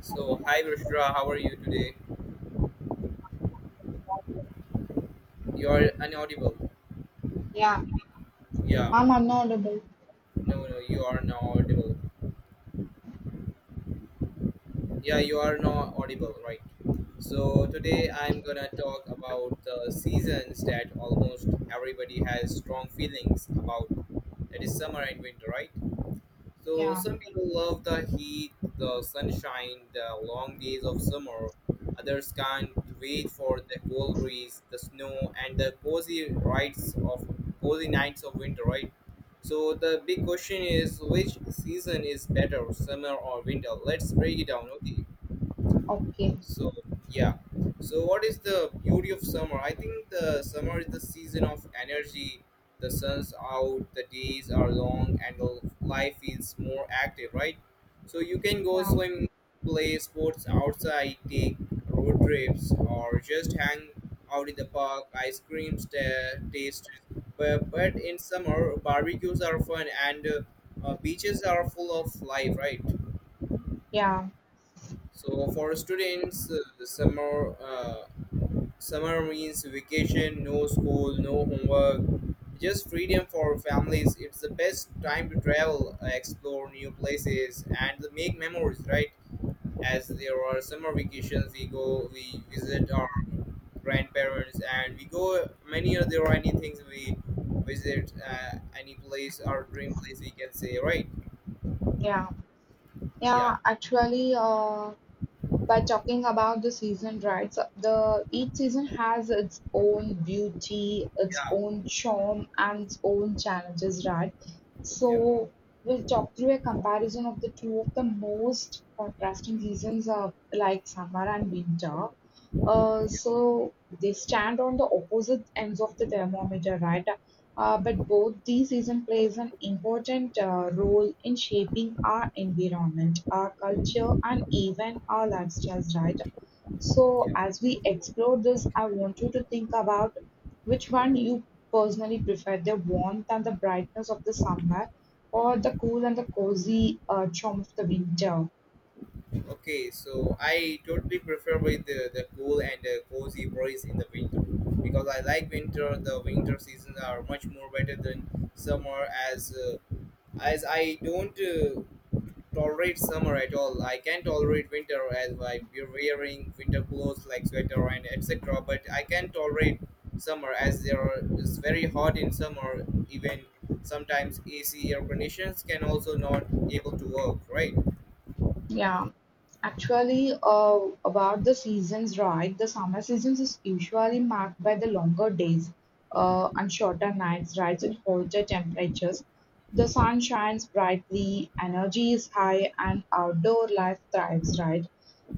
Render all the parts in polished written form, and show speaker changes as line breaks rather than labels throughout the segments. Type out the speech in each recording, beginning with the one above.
So, hi Rushra, how are you today? You are inaudible.
Yeah,
Yeah,
I'm unaudable.
no, no, you are not audible. Yeah, you are not audible, right? So, today I'm gonna talk about the seasons that almost everybody has strong feelings about. That is summer and winter, right? So
Yeah,
some people love the heat, the sunshine, the long days of summer. Others can't wait for the cold breeze, the snow, and the cozy nights of winter, right? So the big question is which season is better, summer or winter? Let's break it down, okay?
okay.
So yeah. So what is the beauty of summer? I think the summer is the season of energy. The sun's out, the days are long, and the life is more active, right? So you can go
Yeah,
swim, play sports outside, take road trips, or just hang out in the park. Ice cream ta- taste, but in summer barbecues are fun and beaches are full of life, right?
yeah,
So for students, the summer means vacation, no school, no homework, just freedom for families. It's the best time to travel, explore new places, and make memories, right? As there are summer vacations, we visit our grandparents, and we go many other there are any things we visit, any place, our dream place, we can say, right?
yeah,
Yeah,
yeah. Actually, by talking about the season, right? So the each season has its own beauty, its
yeah,
own charm, and its own challenges, right?
yeah,
So we'll talk through a comparison of the two of the most contrasting seasons, like summer and winter. So they stand on the opposite ends of the thermometer, right? But both these seasons plays an important role in shaping our environment, our culture, and even our lifestyles, right? So,
yeah.
as we explore this, I want you to think about which one you personally prefer, the warmth and the brightness of the summer, or the cool and the cozy charm of the winter.
Okay, so I totally prefer with the cool and cozy breeze in the winter because I like winter. The winter seasons are much more better than summer as I don't tolerate summer at all. I can tolerate winter as like we're wearing winter clothes like sweater and etc. But I can tolerate summer as there are, it's very hot in summer. Even sometimes AC air conditions can also not able to work. Right?
Yeah, actually, about the seasons, right? The summer seasons is usually marked by the longer days, and shorter nights, right, and hotter temperatures. The sun shines brightly, energy is high, and outdoor life thrives, right?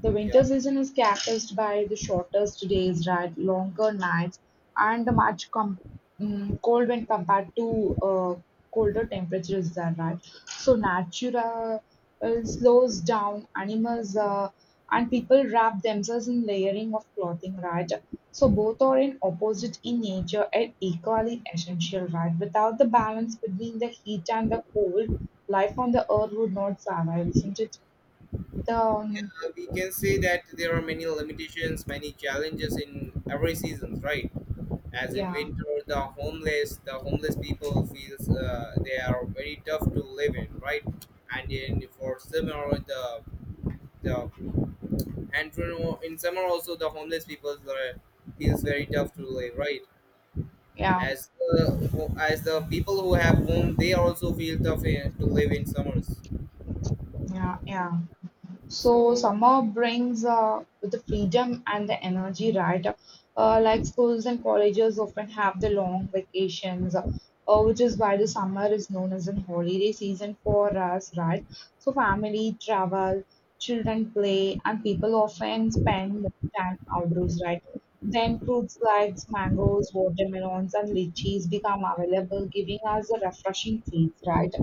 The
Yeah.
winter season is characterized by the shortest days, right, longer nights, and the cold when compared to colder temperatures, there, right? So natural slows down animals, and people wrap themselves in layering of clothing, right? So both are in opposite in nature and equally essential, right? Without the balance between the heat and the cold, life on the earth would not survive, isn't it? The
We can say that there are many limitations, many challenges in every seasons, right? As in
yeah
winter, the homeless people feels they are very tough to live in, right? And in for summer, the in summer also the homeless people are, feels very tough to live, right?
yeah
As the people who have home, they also feel tough in, to live in summers.
yeah yeah So
So
summer brings the freedom and the energy, right? Like schools and colleges often have the long vacations, which is why the summer is known as a holiday season for us, right? So family travel, children play, and people often spend more time outdoors, right? Then fruits like mangoes, watermelons, and lychees become available, giving us a refreshing feels, right?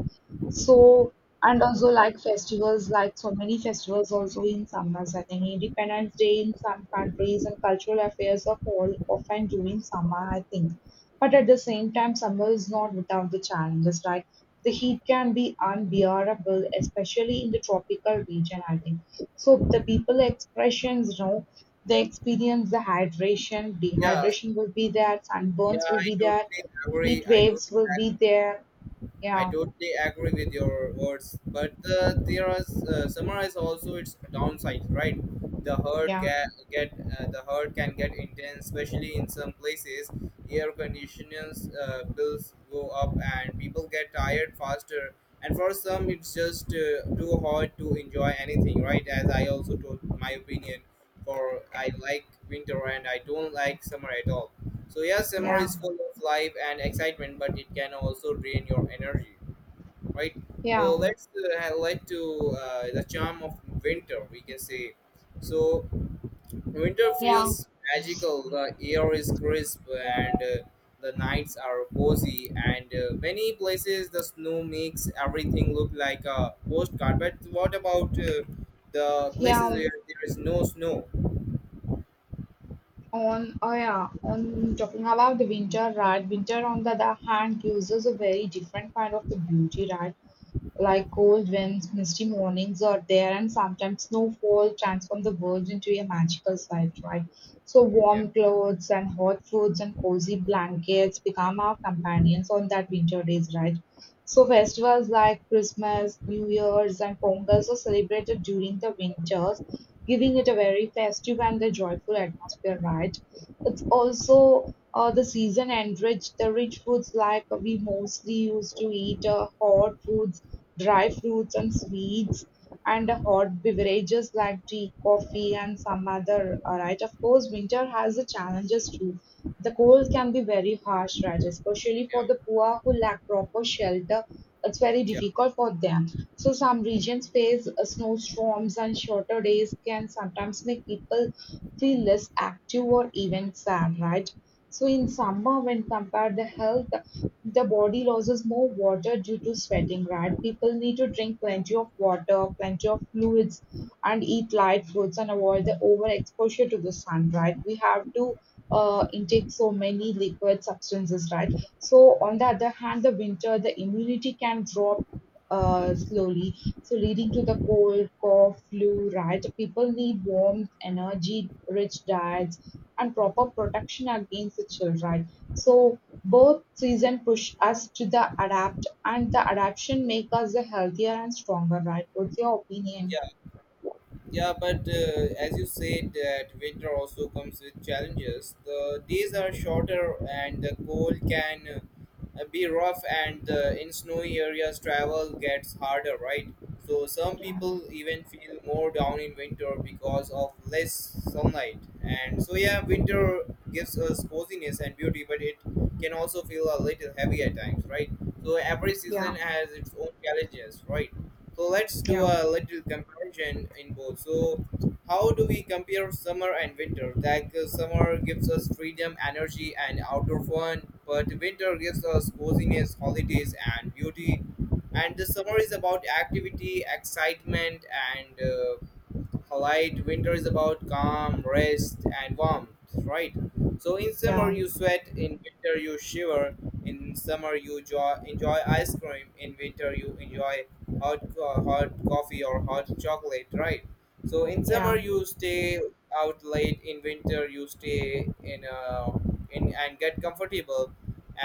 So and also like festivals, like so many festivals also in summers. I think Independence Day in some countries and cultural affairs are all often during summer, I think. But at the same time, summer is not without the challenges, right? The heat can be unbearable, especially in the tropical region, I think. So the people expressions, you know, they experience the hydration,
yeah,
dehydration will be there,
yeah,
sunburns will be there, heat waves will be
agree
there.
I
Yeah,
totally agree with your words, but there are summarize also its downsides, right? The herd
yeah,
get, get uh, the herd can get intense, especially in some places. Air conditioners bills go up, and people get tired faster. And for some, it's just too hard to enjoy anything, right? As I also told my opinion, for I like winter and I don't like summer at all. So yes, summer
yeah,
is full of life and excitement, but it can also drain your energy, right? So
yeah.
let's highlight to the charm of winter. We can say, so Winter
Yeah,
feels magical. The air is crisp and the nights are cozy. And many places the snow makes everything look like a postcard. But what about the places
yeah,
where there is no snow?
on, oh yeah, on talking about the winter, right? Winter, on the other hand, gives us a very different kind of the beauty, right? Like cold winds, misty mornings are there, and sometimes snowfall transform the world into a magical sight, right? So
Yeah,
warm clothes and hot foods and cozy blankets become our companions on that winter days, right? So festivals like Christmas, New Year's, and Pongal are celebrated during the winter, giving it a very festive and a joyful atmosphere, right? It's also the season and rich, the rich foods like we mostly used to eat hot foods, dry fruits and sweets, and hot beverages like tea, coffee, and some other, right? Of course, winter has the challenges too. The cold can be very harsh, right? Especially
yeah,
for the poor who lack proper shelter, it's very
yeah,
difficult for them. So some regions face snowstorms, and shorter days can sometimes make people feel less active or even sad, right? So in summer, when compared the health, the body loses more water due to sweating, right? People need to drink
yeah,
plenty of water, plenty of fluids, and eat light foods and avoid the overexposure to the sun, right? We have to intake so many liquid substances, right? So, on the other hand, the winter, the immunity can drop slowly, so leading to the cold, cough, flu, right? So, people need warmth, energy, rich diets, and proper protection against the chill, right? So both season push us to the adapt, and the adaptation make us the healthier and stronger, right? What's your opinion?
yeah. Yeah, but as you said, that winter also comes with challenges. The days are shorter, and the cold can be rough, and in snowy areas, travel gets harder, right? So some people even feel more down in winter because of less sunlight. And so yeah, winter gives us coziness and beauty, but it can also feel a little heavy at times, right? So every season
Yeah,
has its own challenges, right? So let's do
yeah,
a little comparison in both. So how do we compare summer and winter? Like summer gives us freedom, energy, and outdoor fun, but winter gives us coziness, holidays, and beauty. And the summer is about activity, excitement, and polite winter is about calm rest and warmth, right? So in summer
Yeah,
you sweat, in winter you shiver. In summer you enjoy ice cream, in winter you enjoy hot coffee or hot chocolate, right? So in
yeah,
summer you stay out late, in winter you stay in and get comfortable.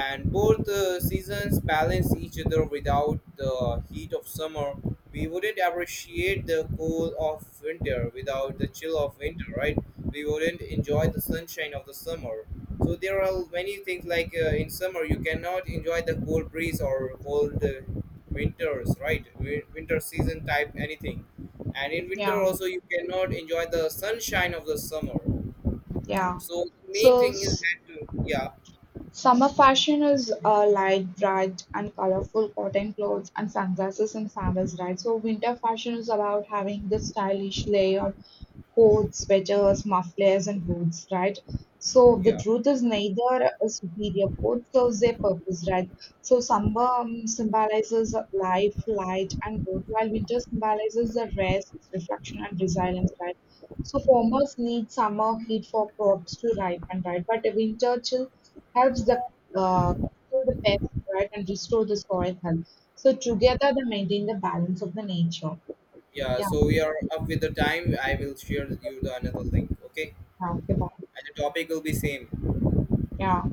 And both seasons balance each other. Without the heat of summer we wouldn't appreciate the cool of winter, without the chill of winter, right? We wouldn't enjoy the sunshine of the summer. So there are many things like in summer you cannot enjoy the cold breeze or cold winters, right? Wi- Winter season type anything, and in winter
yeah,
also you cannot enjoy the sunshine of the summer.
yeah.
So the main
So
thing is that
summer fashion is light, bright, and colorful cotton clothes and sunglasses and sandals, right? So winter fashion is about having the stylish layered coats, sweaters, mufflers, and boots, right? So the
yeah,
truth is neither is superior. Both serves their purpose, right? So summer symbolizes life, light, and growth, while winter symbolizes the rest, reflection, and resilience, right? So farmers need summer heat for crops to ripen, right? But a winter chill helps the uh, kill the pests, right, and restore the soil health. So together they maintain the balance of the nature.
yeah.
Yeah,
So we are up with the time. I will share with you the another link. Okay,
yeah, okay, bye.
and the topic will be same.
Yeah.